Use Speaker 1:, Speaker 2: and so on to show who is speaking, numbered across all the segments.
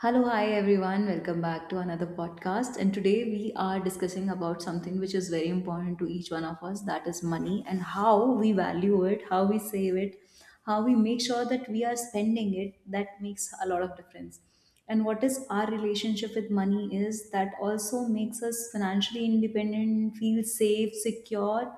Speaker 1: Hello, hi everyone. Welcome back to another podcast. And today we are discussing about something which is very important to each one of us, that is money and how we value it, how we save it, how we make sure that we are spending it. That makes a lot of difference. And what is our relationship with money, is that also makes us financially independent, feel safe, secure,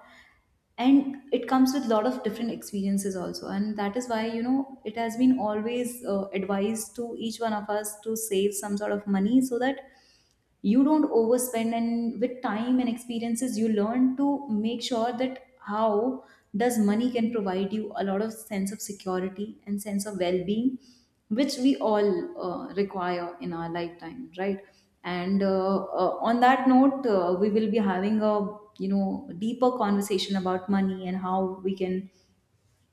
Speaker 1: and it comes with a lot of different experiences also, and that is why you know it has been always advised to each one of us to save some sort of money so that you don't overspend, and with time and experiences you learn to make sure that how does money can provide you a lot of sense of security and sense of well-being which we all require in our lifetime, right? And uh, uh, on that note uh, we will be having a deeper conversation about money and how we can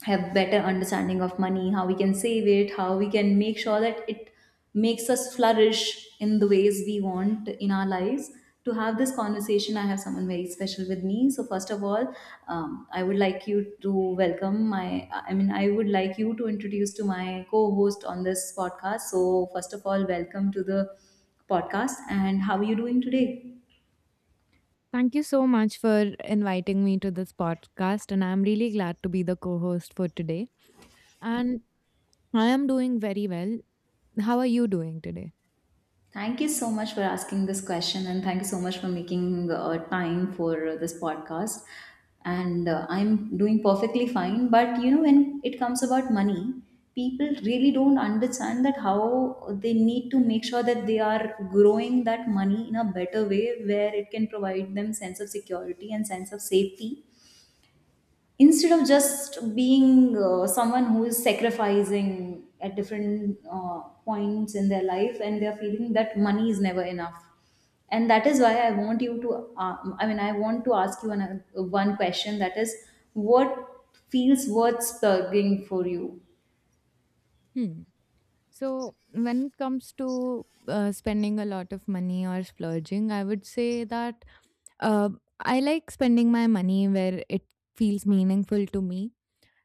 Speaker 1: have better understanding of money, how we can save it, how we can make sure that it makes us flourish in the ways we want in our lives. To have this conversation, I have someone very special with me. So first of all, I would like you to welcome my I would like you to introduce to my co-host on this podcast. So first of all, welcome to the podcast, and how are you doing today?
Speaker 2: Thank you so much for inviting me to this podcast, and I'm really glad to be the co host for today. And I am doing very well. How are you doing today?
Speaker 1: Thank you so much for asking this question, and thank you so much for making time for this podcast. And I'm doing perfectly fine, but you know, when it comes about money, people really don't understand that how they need to make sure that they are growing that money in a better way where it can provide them sense of security and sense of safety instead of just being someone who is sacrificing at different points in their life and they're feeling that money is never enough. And that is why I want you to I want to ask you one question, that is, what feels worth struggling for you?
Speaker 2: Hmm. So, when it comes to spending a lot of money or splurging, I would say that uh, I like spending my money where it feels meaningful to me.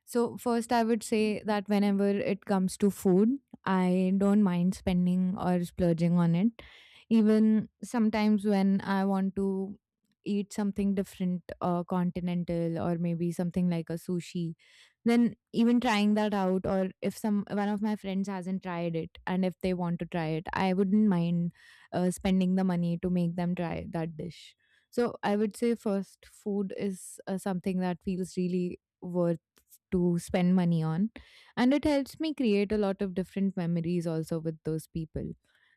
Speaker 2: So, first, I would say that whenever it comes to food, I don't mind spending or splurging on it. Even sometimes when I want to eat something different, continental or maybe something like a sushi, then even trying that out, or if some one of my friends hasn't tried it and if they want to try it, I wouldn't mind spending the money to make them try that dish. So I would say first, food is something that feels really worth to spend money on, and it helps me create a lot of different memories also with those people.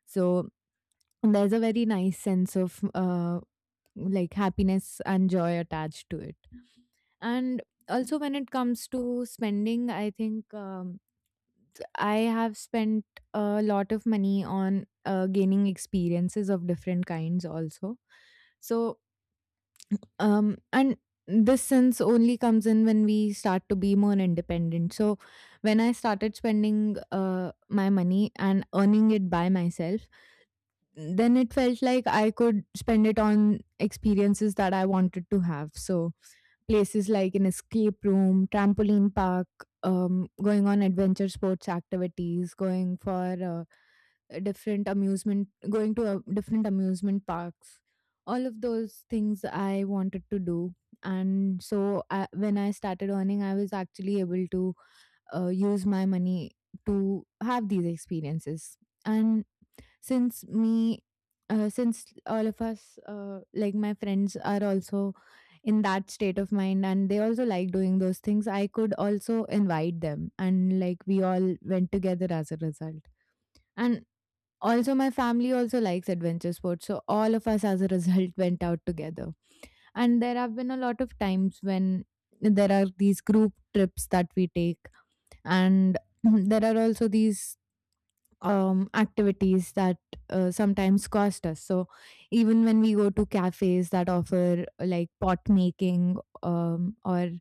Speaker 2: So there's a very nice sense of like happiness and joy attached to it. And also when it comes to spending, I think I have spent a lot of money on gaining experiences of different kinds also. So and this sense only comes in when we start to be more independent. So when I started spending my money and earning it by myself, then it felt like I could spend it on experiences that I wanted to have. So places like an escape room, trampoline park, going on adventure sports activities, going for going to different amusement parks. All of those things I wanted to do. And so when I started earning, I was actually able to use my money to have these experiences. And since me since all of us like my friends are also in that state of mind and they also like doing those things, I could also invite them, and like we all went together as a result. And also my family also likes adventure sports, so all of us as a result went out together. And there have been a lot of times when there are these group trips that we take, and there are also these activities that sometimes cost us. So even when we go to cafes that offer like pot making or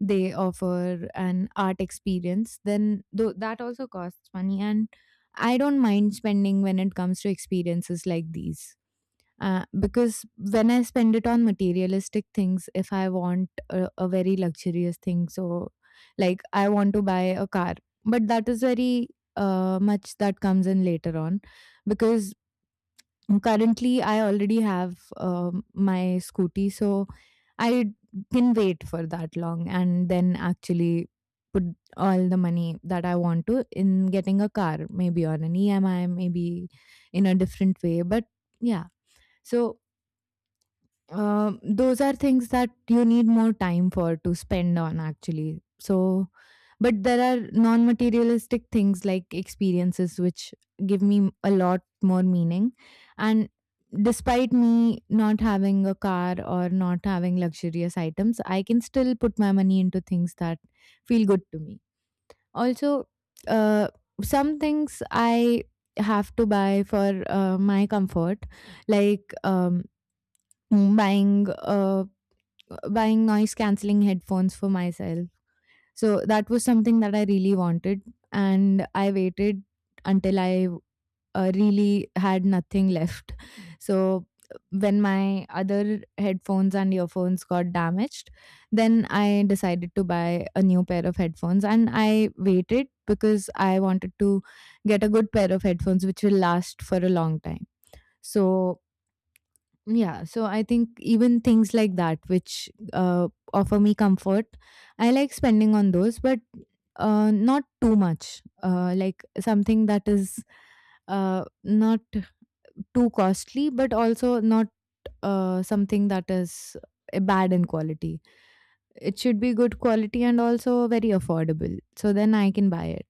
Speaker 2: they offer an art experience, then though that also costs money. And I don't mind spending when it comes to experiences like these. Because when I spend it on materialistic things, if I want a very luxurious thing, so like I want to buy a car, but that is very much that comes in later on. Because currently I already have my scooty, so I can wait for that long and then actually put all the money that I want to in getting a car, maybe on an EMI, maybe in a different way, but yeah. So those are things that you need more time for to spend on actually. So, but there are non materialistic things like experiences which give me a lot more meaning. And despite me not having a car or not having luxurious items, I can still put my money into things that feel good to me. Also, uh, some things I have to buy for my comfort, like buying uh, buying noise cancelling headphones for myself. So that was something that I really wanted, and I waited until I really had nothing left. So when my other headphones and earphones got damaged, then I decided to buy a new pair of headphones, and I waited because I wanted to get a good pair of headphones which will last for a long time. So yeah, so I think even things like that which offer me comfort, I like spending on those, but not too much. Like something that is not too costly, but also not something that is bad in quality. It should be good quality and also very affordable. So then I can buy it.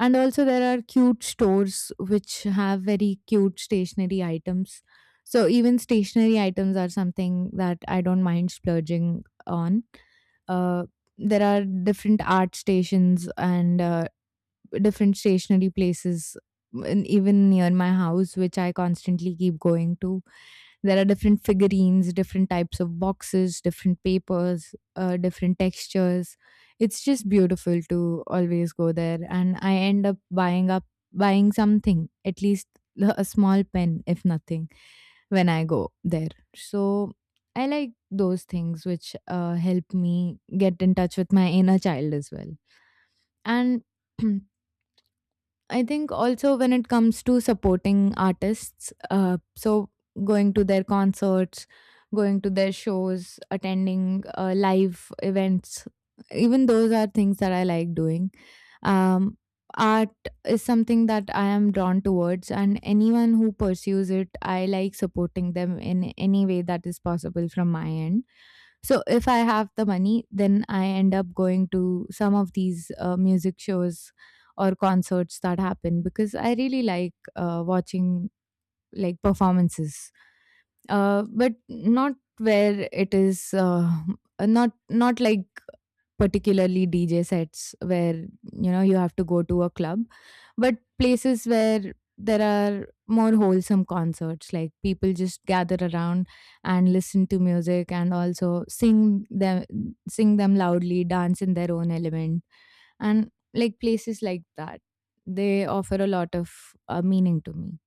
Speaker 2: And also, there are cute stores which have very cute stationery items. So even stationery items are something that I don't mind splurging on. Uh, there are different art stations and different stationery places, and even near my house which I constantly keep going to, there are different figurines, different types of boxes, different papers, different textures. It's just beautiful to always go there, and I end up buying something, at least a small pen if nothing, when I go there. So I like those things which help me get in touch with my inner child as well. And I think also when it comes to supporting artists, so going to their concerts, going to their shows, attending live events, even those are things that I like doing. Um, art is something that I am drawn towards, and anyone who pursues it, I like supporting them in any way that is possible from my end. So if I have the money, then I end up going to some of these music shows or concerts that happen, because I really like watching like performances, but not where it is not not like particularly DJ sets where you know you have to go to a club, but places where there are more wholesome concerts, like people just gather around and listen to music and also sing them loudly, dance in their own element. And like places like that, they offer a lot of meaning to me.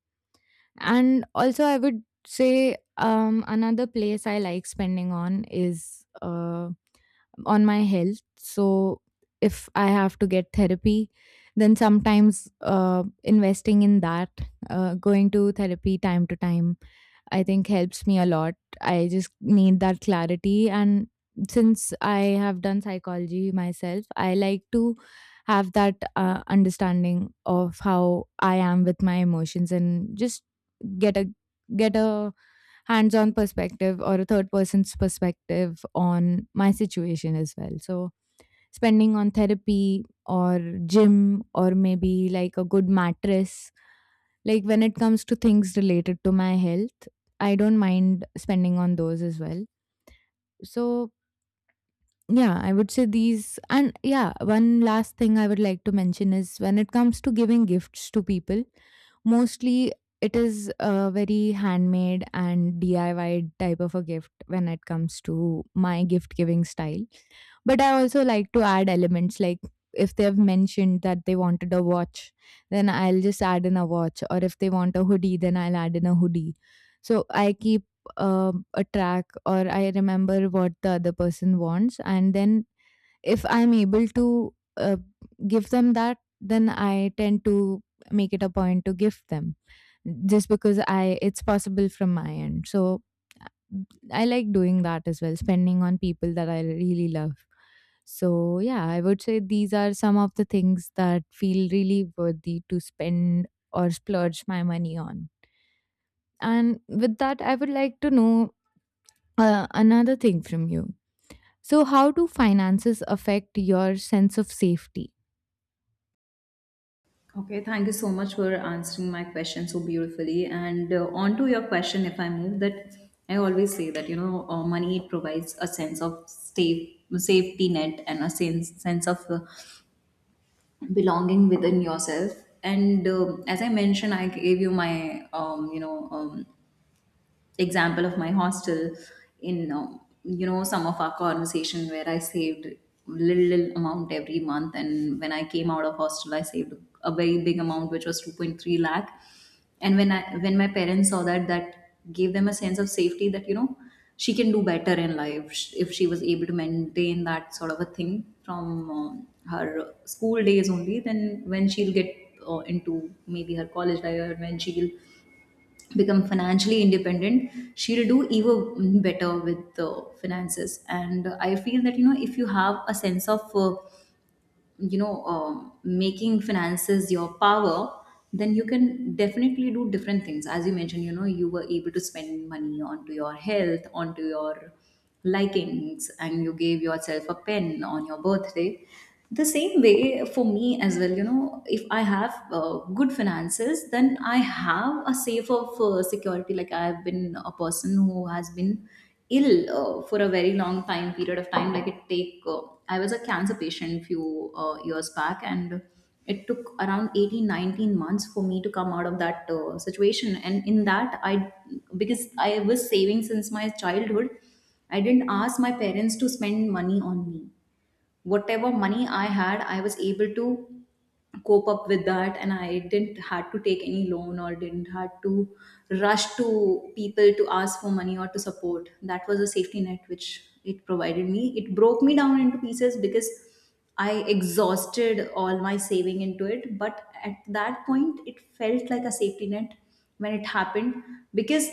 Speaker 2: And also I would say another place I like spending on is on my health. So if I have to get therapy, then sometimes investing in that, going to therapy time to time, I think helps me a lot. I just need that clarity. And since I have done psychology myself, I like to have that understanding of how I am with my emotions and just get a get a hands-on perspective or a third person's perspective on my situation as well. So spending on therapy or gym or maybe like a good mattress, like when it comes to things related to my health, I don't mind spending on those as well. So, yeah, I would say these. And yeah, one last thing I would like to mention is when it comes to giving gifts to people, mostly it is a very handmade and DIY type of a gift when it comes to my gift giving style. But I also like to add elements like if they've mentioned that they wanted a watch, then I'll just add in a watch, or if they want a hoodie, then I'll add in a hoodie. So I keep a track, or I remember what the other person wants, and then if I'm able to give them that, then I tend to make it a point to gift them, just because I it's possible from my end. So uh, I like doing that as well, spending on people that I really love. So yeah, I would say these are some of the things that feel really worthy to spend or splurge my money on. And with that I would like to know another thing from you. So, how do finances affect your sense of safety?
Speaker 1: Okay, thank you so much for answering my question so beautifully. And on to your question, if I move that, I always say that you know, money, it provides a sense of safety net and a sense of belonging within yourself. And um, as I mentioned, I gave you my example of my hostel in, some of our conversation, where I saved little amount every month, and when I came out of hostel I saved a very big amount which was 2.3 lakh. And when my parents saw that, that gave them a sense of safety that you know she can do better in life. If she was able to maintain that sort of a thing from her school days only, then when she'll get into maybe her college life, or when she will become financially independent, she'll do even better with the finances. And I feel that you know if you have a sense of making finances your power, then you can definitely do different things. As you mentioned, you know, you were able to spend money onto your health, onto your likings, and you gave yourself a pen on your birthday. The same way for me as well, you know, if I have good finances, then I have a safe of security. Like I have been a person who has been ill for a very long time period of time. Like it take I was a cancer patient few years back, and it took around 18, 19 months for me to come out of that situation. And in that, I, because I was saving since my childhood, I didn't ask my parents to spend money on me. Whatever money I had, I was able to cope up with that, and I didn't had to take any loan or didn't had to rush to people to ask for money or to support. That was a safety net which it provided me. It broke me down into pieces because I exhausted all my saving into it, but at that point it felt like a safety net when it happened, because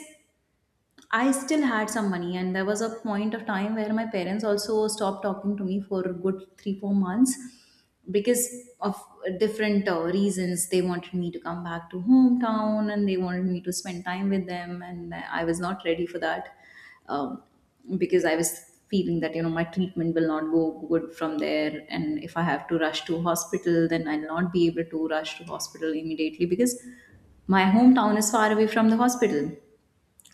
Speaker 1: I still had some money. And there was a point of time where my parents also stopped talking to me for a good three, 4 months because of different reasons. They wanted me to come back to hometown and they wanted me to spend time with them, and I was not ready for that, um, because I was feeling that you know my treatment will not go good from there, and if I have to rush to hospital, then I'll not be able to rush to hospital immediately because my hometown is far away from the hospital.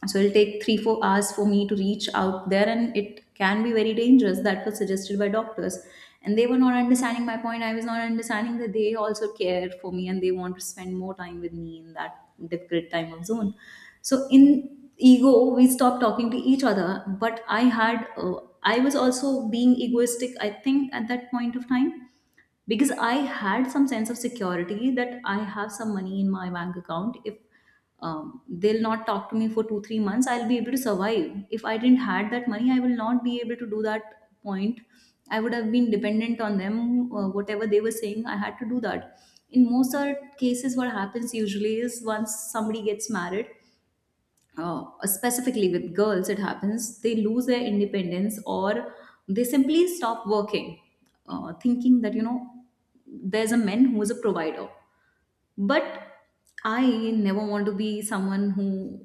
Speaker 1: So it'll take 3 four hours for me to reach out there, and it can be very dangerous. That was suggested by doctors. And they were not understanding my point, I was not understanding that they also care for me and they want to spend more time with me in that difficult time of zone. So in ego we stopped talking to each other. But I had, I was also being egoistic I think at that point of time, because I had some sense of security that I have some money in my bank account. If they'll not talk to me for 2 three months, I'll be able to survive. If I didn't had that money, I will not be able to do that point. I would have been dependent on them. Whatever they were saying, I had to do that. In most other cases, what happens usually is once somebody gets married, specifically with girls, it happens they lose their independence, or they simply stop working, thinking that, you know, there's a man who is a provider. But I never want to be someone who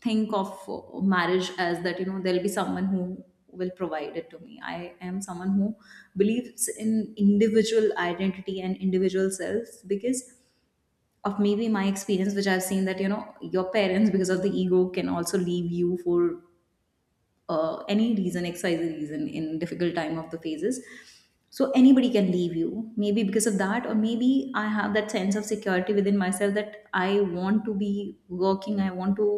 Speaker 1: think of marriage as that, you know, there'll be someone who will provide it to me. I am someone who believes in individual identity and individual selves, because of maybe my experience which I've seen, that you know your parents because of the ego can also leave you for any reason, exercise reason, in difficult time of the phases. So anybody can leave you, maybe because of that, or maybe I have that sense of security within myself that I want to be working, I want to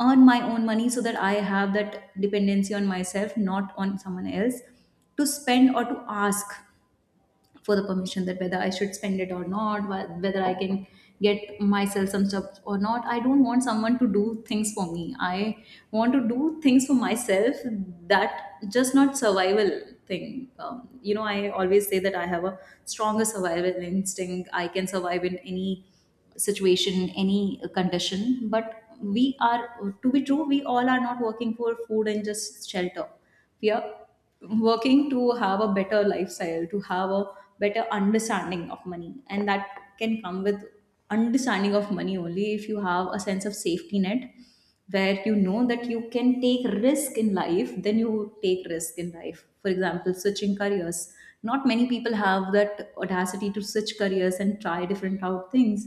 Speaker 1: earn my own money so that I have that dependency on myself, not on someone else, to spend or to ask for the permission that whether I should spend it or not, whether I can get myself some stuff or not. I don't want someone to do things for me. I want to do things for myself. That just not survival thing. You know, I always say that I have a stronger survival instinct. I can survive in any situation, any condition, but we are, to be true, we all are not working for food and just shelter. We are working to have a better lifestyle, to have a better understanding of money, and that can come with understanding of money only if you have a sense of safety net. Where you know that you can take risk in life, then you take risk in life, for example switching careers. Not many people have that audacity to switch careers and try different out things.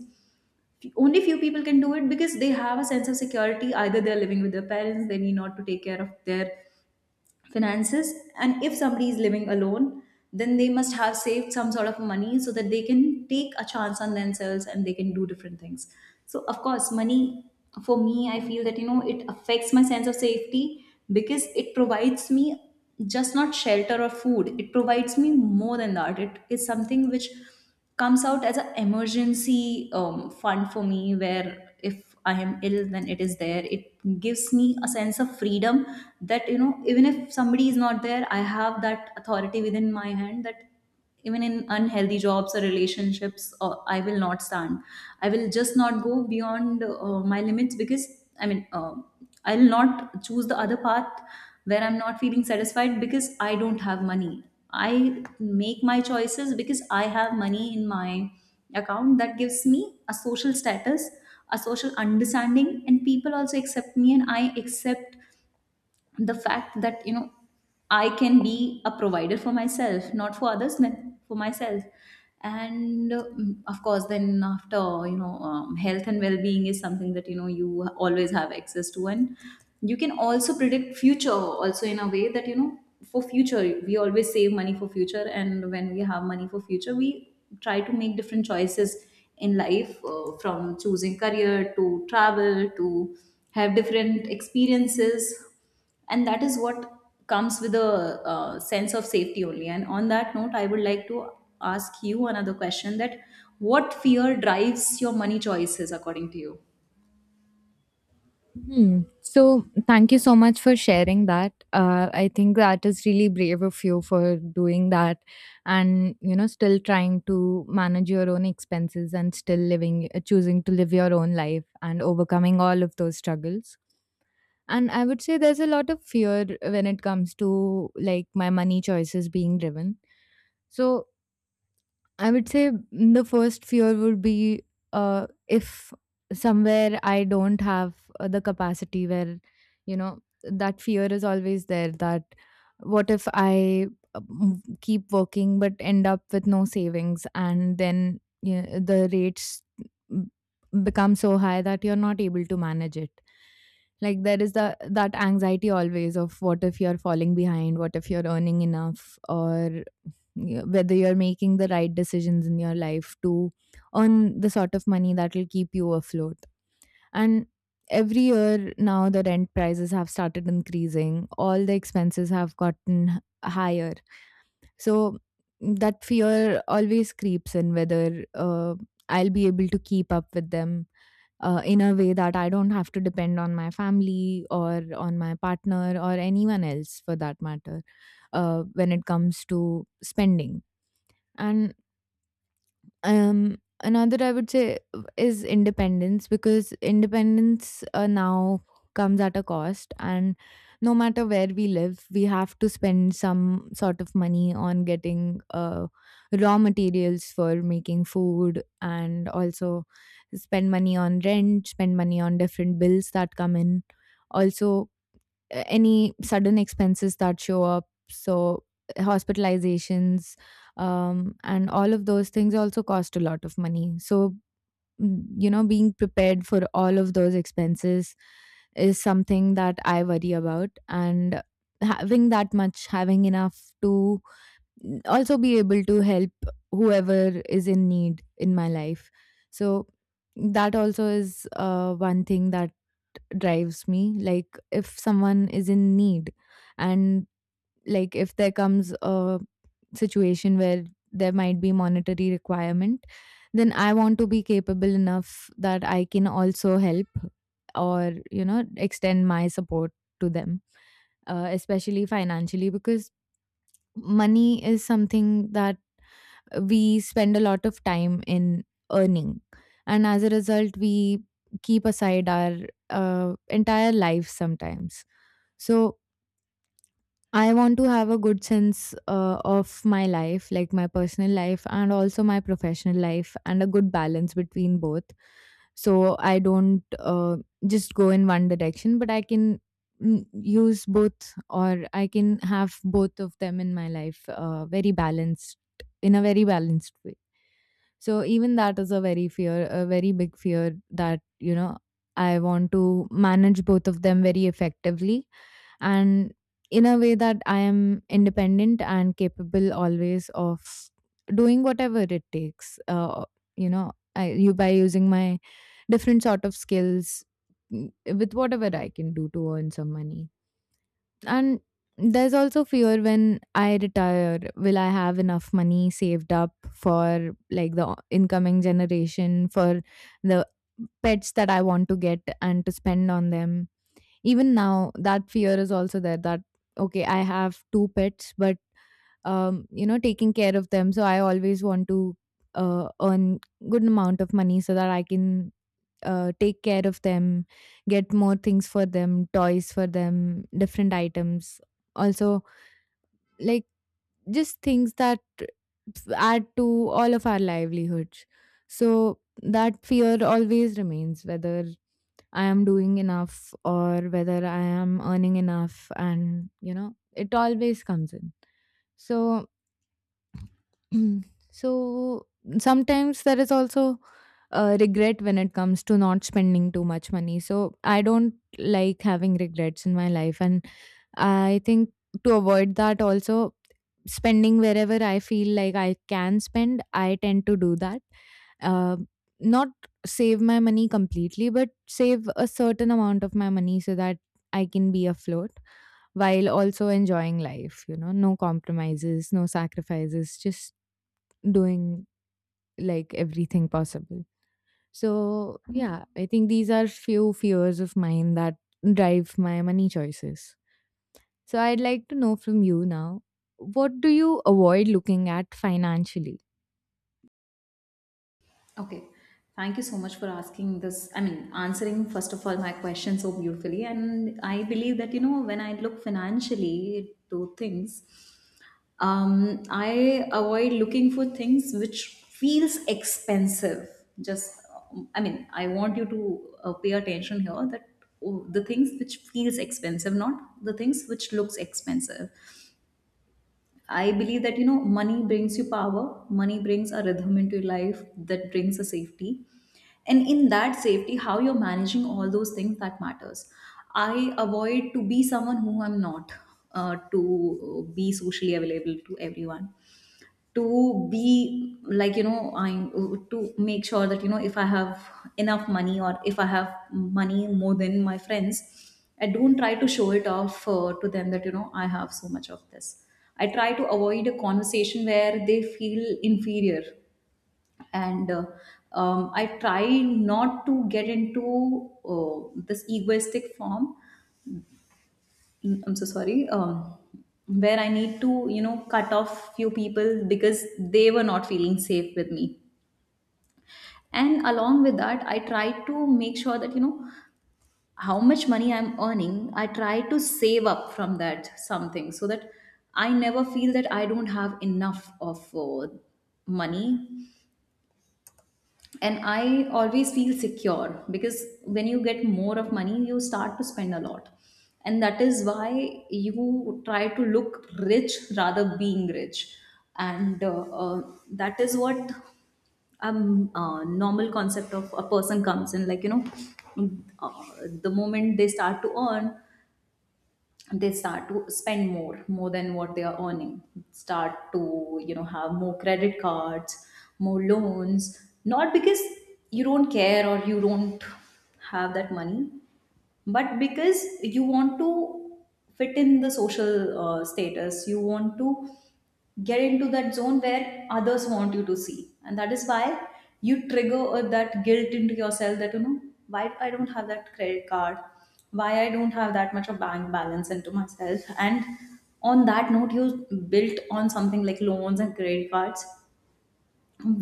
Speaker 1: Only few people can do it because they have a sense of security, either they're living with their parents, they need not to take care of their finances. And if somebody is living alone, then they must have saved some sort of money so that they can take a chance on themselves and they can do different things. So of course money, for me, I feel that you know it affects my sense of safety, because it provides me just not shelter or food. It provides me more than that. It is something which comes out as an emergency fund for me, where if I am ill, then it is there. It gives me a sense of freedom that you know even if somebody is not there, I have that authority within my hand that even in unhealthy jobs or relationships, I will not stand, I will just not go beyond my limits, because i mean uh, I'll not choose the other path where I'm not feeling satisfied because I don't have money. I make my choices because I have money in my account. That gives me a social status, a social understanding, and people also accept me, and I accept the fact that you know I can be a provider for myself not for others but for myself. And of course then after health and well-being is something that you always have access to, and you can also predict future also in a way that for future we always save money for future, and when we have money for future we try to make different choices in life from choosing career to travel to have different experiences. And that is what comes with a sense of safety only. And on that note, I would like to ask you another question that what fear drives your money choices according to you?
Speaker 2: Hmm. So, thank you so much for sharing that. I think that is really brave of you for doing that and, you know, still trying to manage your own expenses and still living, choosing to live your own life and overcoming all of those struggles. And I would say there's a lot of fear when it comes to like my money choices being driven. So, I would say the first fear would be if somewhere I don't have the capacity where, you know, that fear is always there that what if I keep working but end up with no savings, and then you know, the rates mm, become so high that you're not able to manage it. Like there is the that anxiety always of what if you're falling behind, what if you're earning enough, or yeah, whether you're making the right decisions in your life to earn the sort of money that will keep you afloat. And every year now, the rent prices have started increasing, all the expenses have gotten higher. So that fear always creeps in whether I'll be able to keep up with them. In a way that I don't have to depend on my family or on my partner or anyone else for that matter, when it comes to spending. And um another, I would say, is independence. Because independence now comes at a cost, and no matter where we live, we have to spend some sort of money on getting raw materials for making food, and also spend money on rent, spend money on different bills that come in, also any sudden expenses that show up, so hospitalizations, and all of those things also cost a lot of money. So you know, being prepared for all of those expenses is something that I worry about, and having that much having enough to also be able to help whoever is in need in my life. So that also is one thing that drives me. Like, if someone is in need, and like if there comes a situation where there might be monetary requirement, then I want to be capable enough that I can also help, or you know, extend my support to them, especially financially, because money is something that we spend a lot of time in earning. And as a result, we keep aside our entire life sometimes. So I want to have a good sense of my life, like my personal life and also my professional life, and a good balance between both. So I don't just go in one direction, but I can use both, or I can have both of them in my life in a very balanced way. So even that is a very big fear that, you know, I want to manage both of them very effectively, and in a way that I am independent and capable always of doing whatever it takes. You know, I, you By using my different sort of skills, with whatever I can do to earn some money. And there's also fear when I retire, will I have enough money saved up for like the incoming generation, for the pets that I want to get and to spend on them? Even now, that fear is also there that, okay, I have two pets, but you know, taking care of them. So I always want to earn good amount of money so that I can take care of them, get more things for them, toys for them, different items. Also, like, just things that add to all of our livelihoods. So that fear always remains whether I am doing enough or whether I am earning enough, and you know, it always comes in. So. Mm. So sometimes there is also regret when it comes to not spending too much money. So I don't like having regrets in my life, and I think to avoid that, also spending wherever I feel like I can spend, I tend to do that. Uh, Not save my money completely, but save a certain amount of my money so that I can be afloat while also enjoying life. You know, no compromises, no sacrifices, just doing like everything possible. So yeah, I think these are few fears of mine that drive my money choices. So, I'd like to know from you now, what do you avoid looking at financially?
Speaker 1: Okay. Thank you so much for asking this, I mean answering first of all my question so beautifully, and I believe that when I look financially to things I avoid looking for things which feels expensive. Just, I mean, I want you to pay attention here that oh, the things which feels expensive, not the things which looks expensive. I believe that money brings you power. Money brings a rhythm into your life that brings a safety, and in that safety how you're managing all those things that matters. I avoid to be someone who I'm not, to be socially available to everyone, to be like, you know I to make sure that if I have enough money or if I have money more than my friends, I don't try to show it off to them that I have so much of this. I try to avoid a conversation where they feel inferior, and I try not to get into this egoistic form. Mm, I'm so sorry. Where I need to, cut off few people because they were not feeling safe with me. And along with that, I try to make sure that, how much money I'm earning, I try to save up from that something so that I never feel that I don't have enough of money, and I always feel secure, because when you get more of money you start to spend a lot, and that is why you try to look rich rather being rich. And that is what normal concept of a person comes in, like uh, the moment they start to earn, they start to spend more than what they are earning, start to have more credit cards, more loans, not because you don't care or you don't have that money, but because you want to fit in the social status. You want to get into that zone where others want you to see, and that is why you trigger that guilt into yourself that why I don't have that credit card, why I don't have that much of bank balance into myself. And on that note you built on something like loans and credit cards,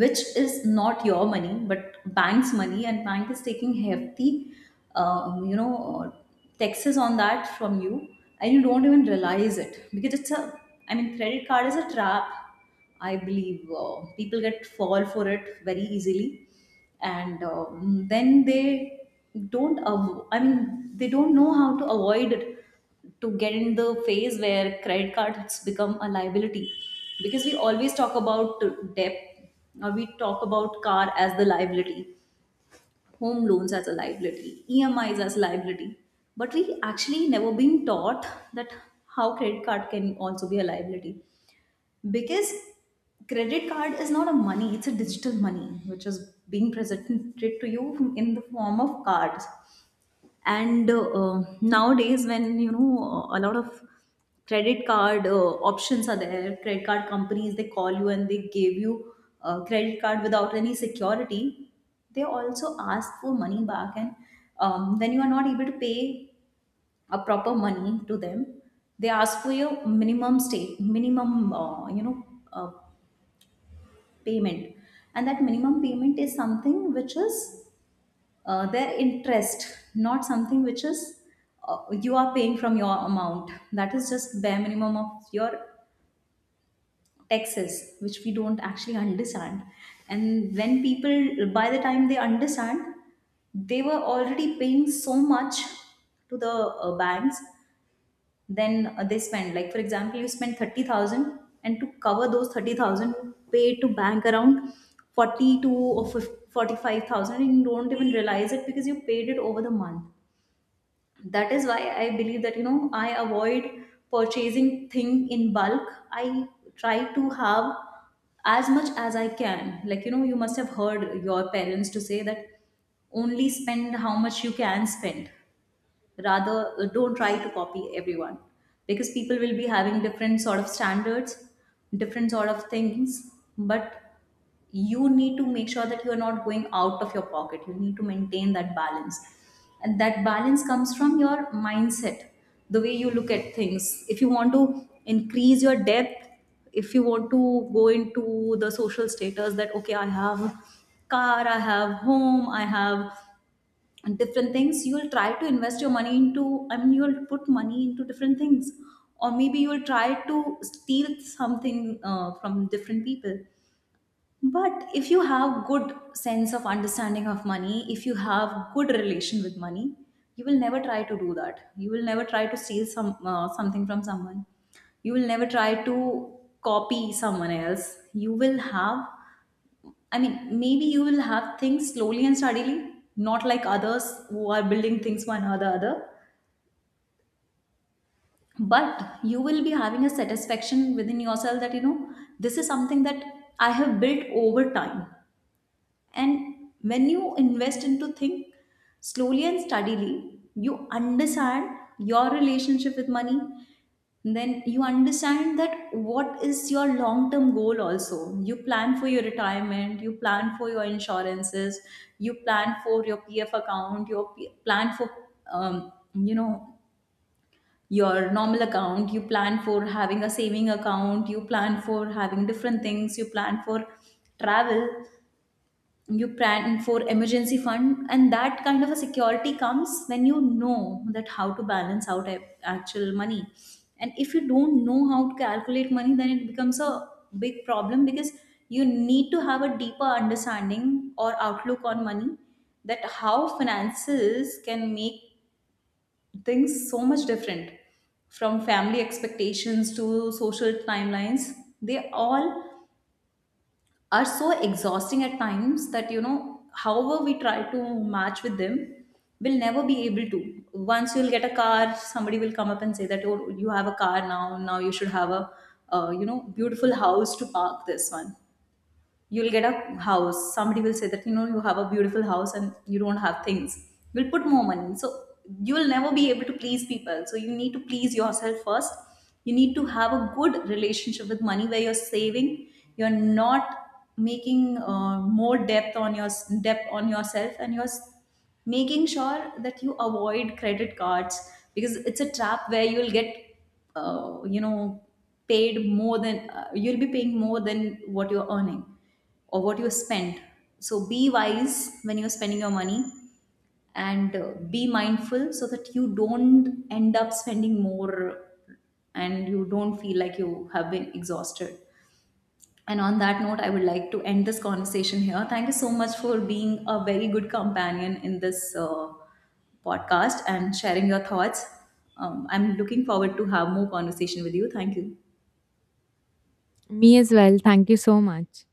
Speaker 1: which is not your money but bank's money, and bank is taking hefty um, you know uh, taxes on that from you, and you don't even realize it, because it's a I mean credit card is a trap. I believe people get fall for it very easily, and then they don't av- I mean they don't know how to avoid it to get in the phase where credit cards become a liability, because we always talk about debt, or we talk about car as the liability, home loans as a liability, E M is as liability, but we actually never been taught that how credit card can also be a liability, because credit card is not a money, it's a digital money which is being presented to you in the form of cards. And nowadays, when a lot of credit card options are there, credit card companies they call you and they give you a credit card without any security. They also ask for money back, and when you are not able to pay a proper money to them, they ask for your minimum uh, payment, and that minimum payment is something which is their interest, not something which is you are paying from your amount. That is just bare minimum of your taxes, which we don't actually understand. And when people, by the time they understand, they were already paying so much to the banks. Then they spend, like for example, you spend 30,000, and to cover those 30,000, you pay to bank around 42 or 45 thousand, and you don't even realize it because you paid it over the month. That is why I believe that I avoid purchasing thing in bulk. I try to have as much as I can, like you must have heard your parents to say that only spend how much you can spend, rather don't try to copy everyone, because people will be having different sort of standards, different sort of things. But you need to make sure that you are not going out of your pocket. You need to maintain that balance, and that balance comes from your mindset, the way you look at things. If you want to increase your depth, if you want to go into the social status that okay I have car, I have home, I have different things, you will try to invest your money into, I mean you will put money into different things, or maybe you will try to steal something from different people. But if you have good sense of understanding of money, if you have good relation with money, you will never try to do that. You will never try to steal something from someone. You will never try to copy someone else. You will have I mean maybe you will have things slowly and steadily, not like others who are building things one or the other. But you will be having a satisfaction within yourself that this is something that I have built over time. And when you invest into thing slowly and steadily, you understand your relationship with money. Then you understand that what is your long term goal also. You plan for your retirement, you plan for your insurances, you plan for your PF account, you plan for, um, you know, your normal account, you plan for having a saving account, you plan for having different things, you plan for travel, you plan for emergency fund, and that kind of a security comes when you know that how to balance out actual money, and if you don't know how to calculate money, then it becomes a big problem, because you need to have a deeper understanding or outlook on money that how finances can make things so much different. From family expectations to social timelines, they all are so exhausting at times that however we try to match with them, we'll never be able to. Once you'll get a car, somebody will come up and say that oh you have a car now, you should have a beautiful house to park this one. You'll get a house, somebody will say that you have a beautiful house and you don't have things, you'll put more money. So you will never be able to please people, so you need to please yourself first. You need to have a good relationship with money where you're saving, you're not making more depth on yourself, and making sure that you avoid credit cards, because it's a trap where you'll get uh, you know paid more than you'll be paying more than what you're earning or what you spend. So be wise when you're spending your money, and be mindful so that you don't end up spending more, and you don't feel like you have been exhausted. And on that note, I would like to end this conversation here. Thank you so much for being a very good companion in this podcast and sharing your thoughts. I'm looking forward to have more conversation with you. Thank you.
Speaker 2: Me as well. Thank you so much.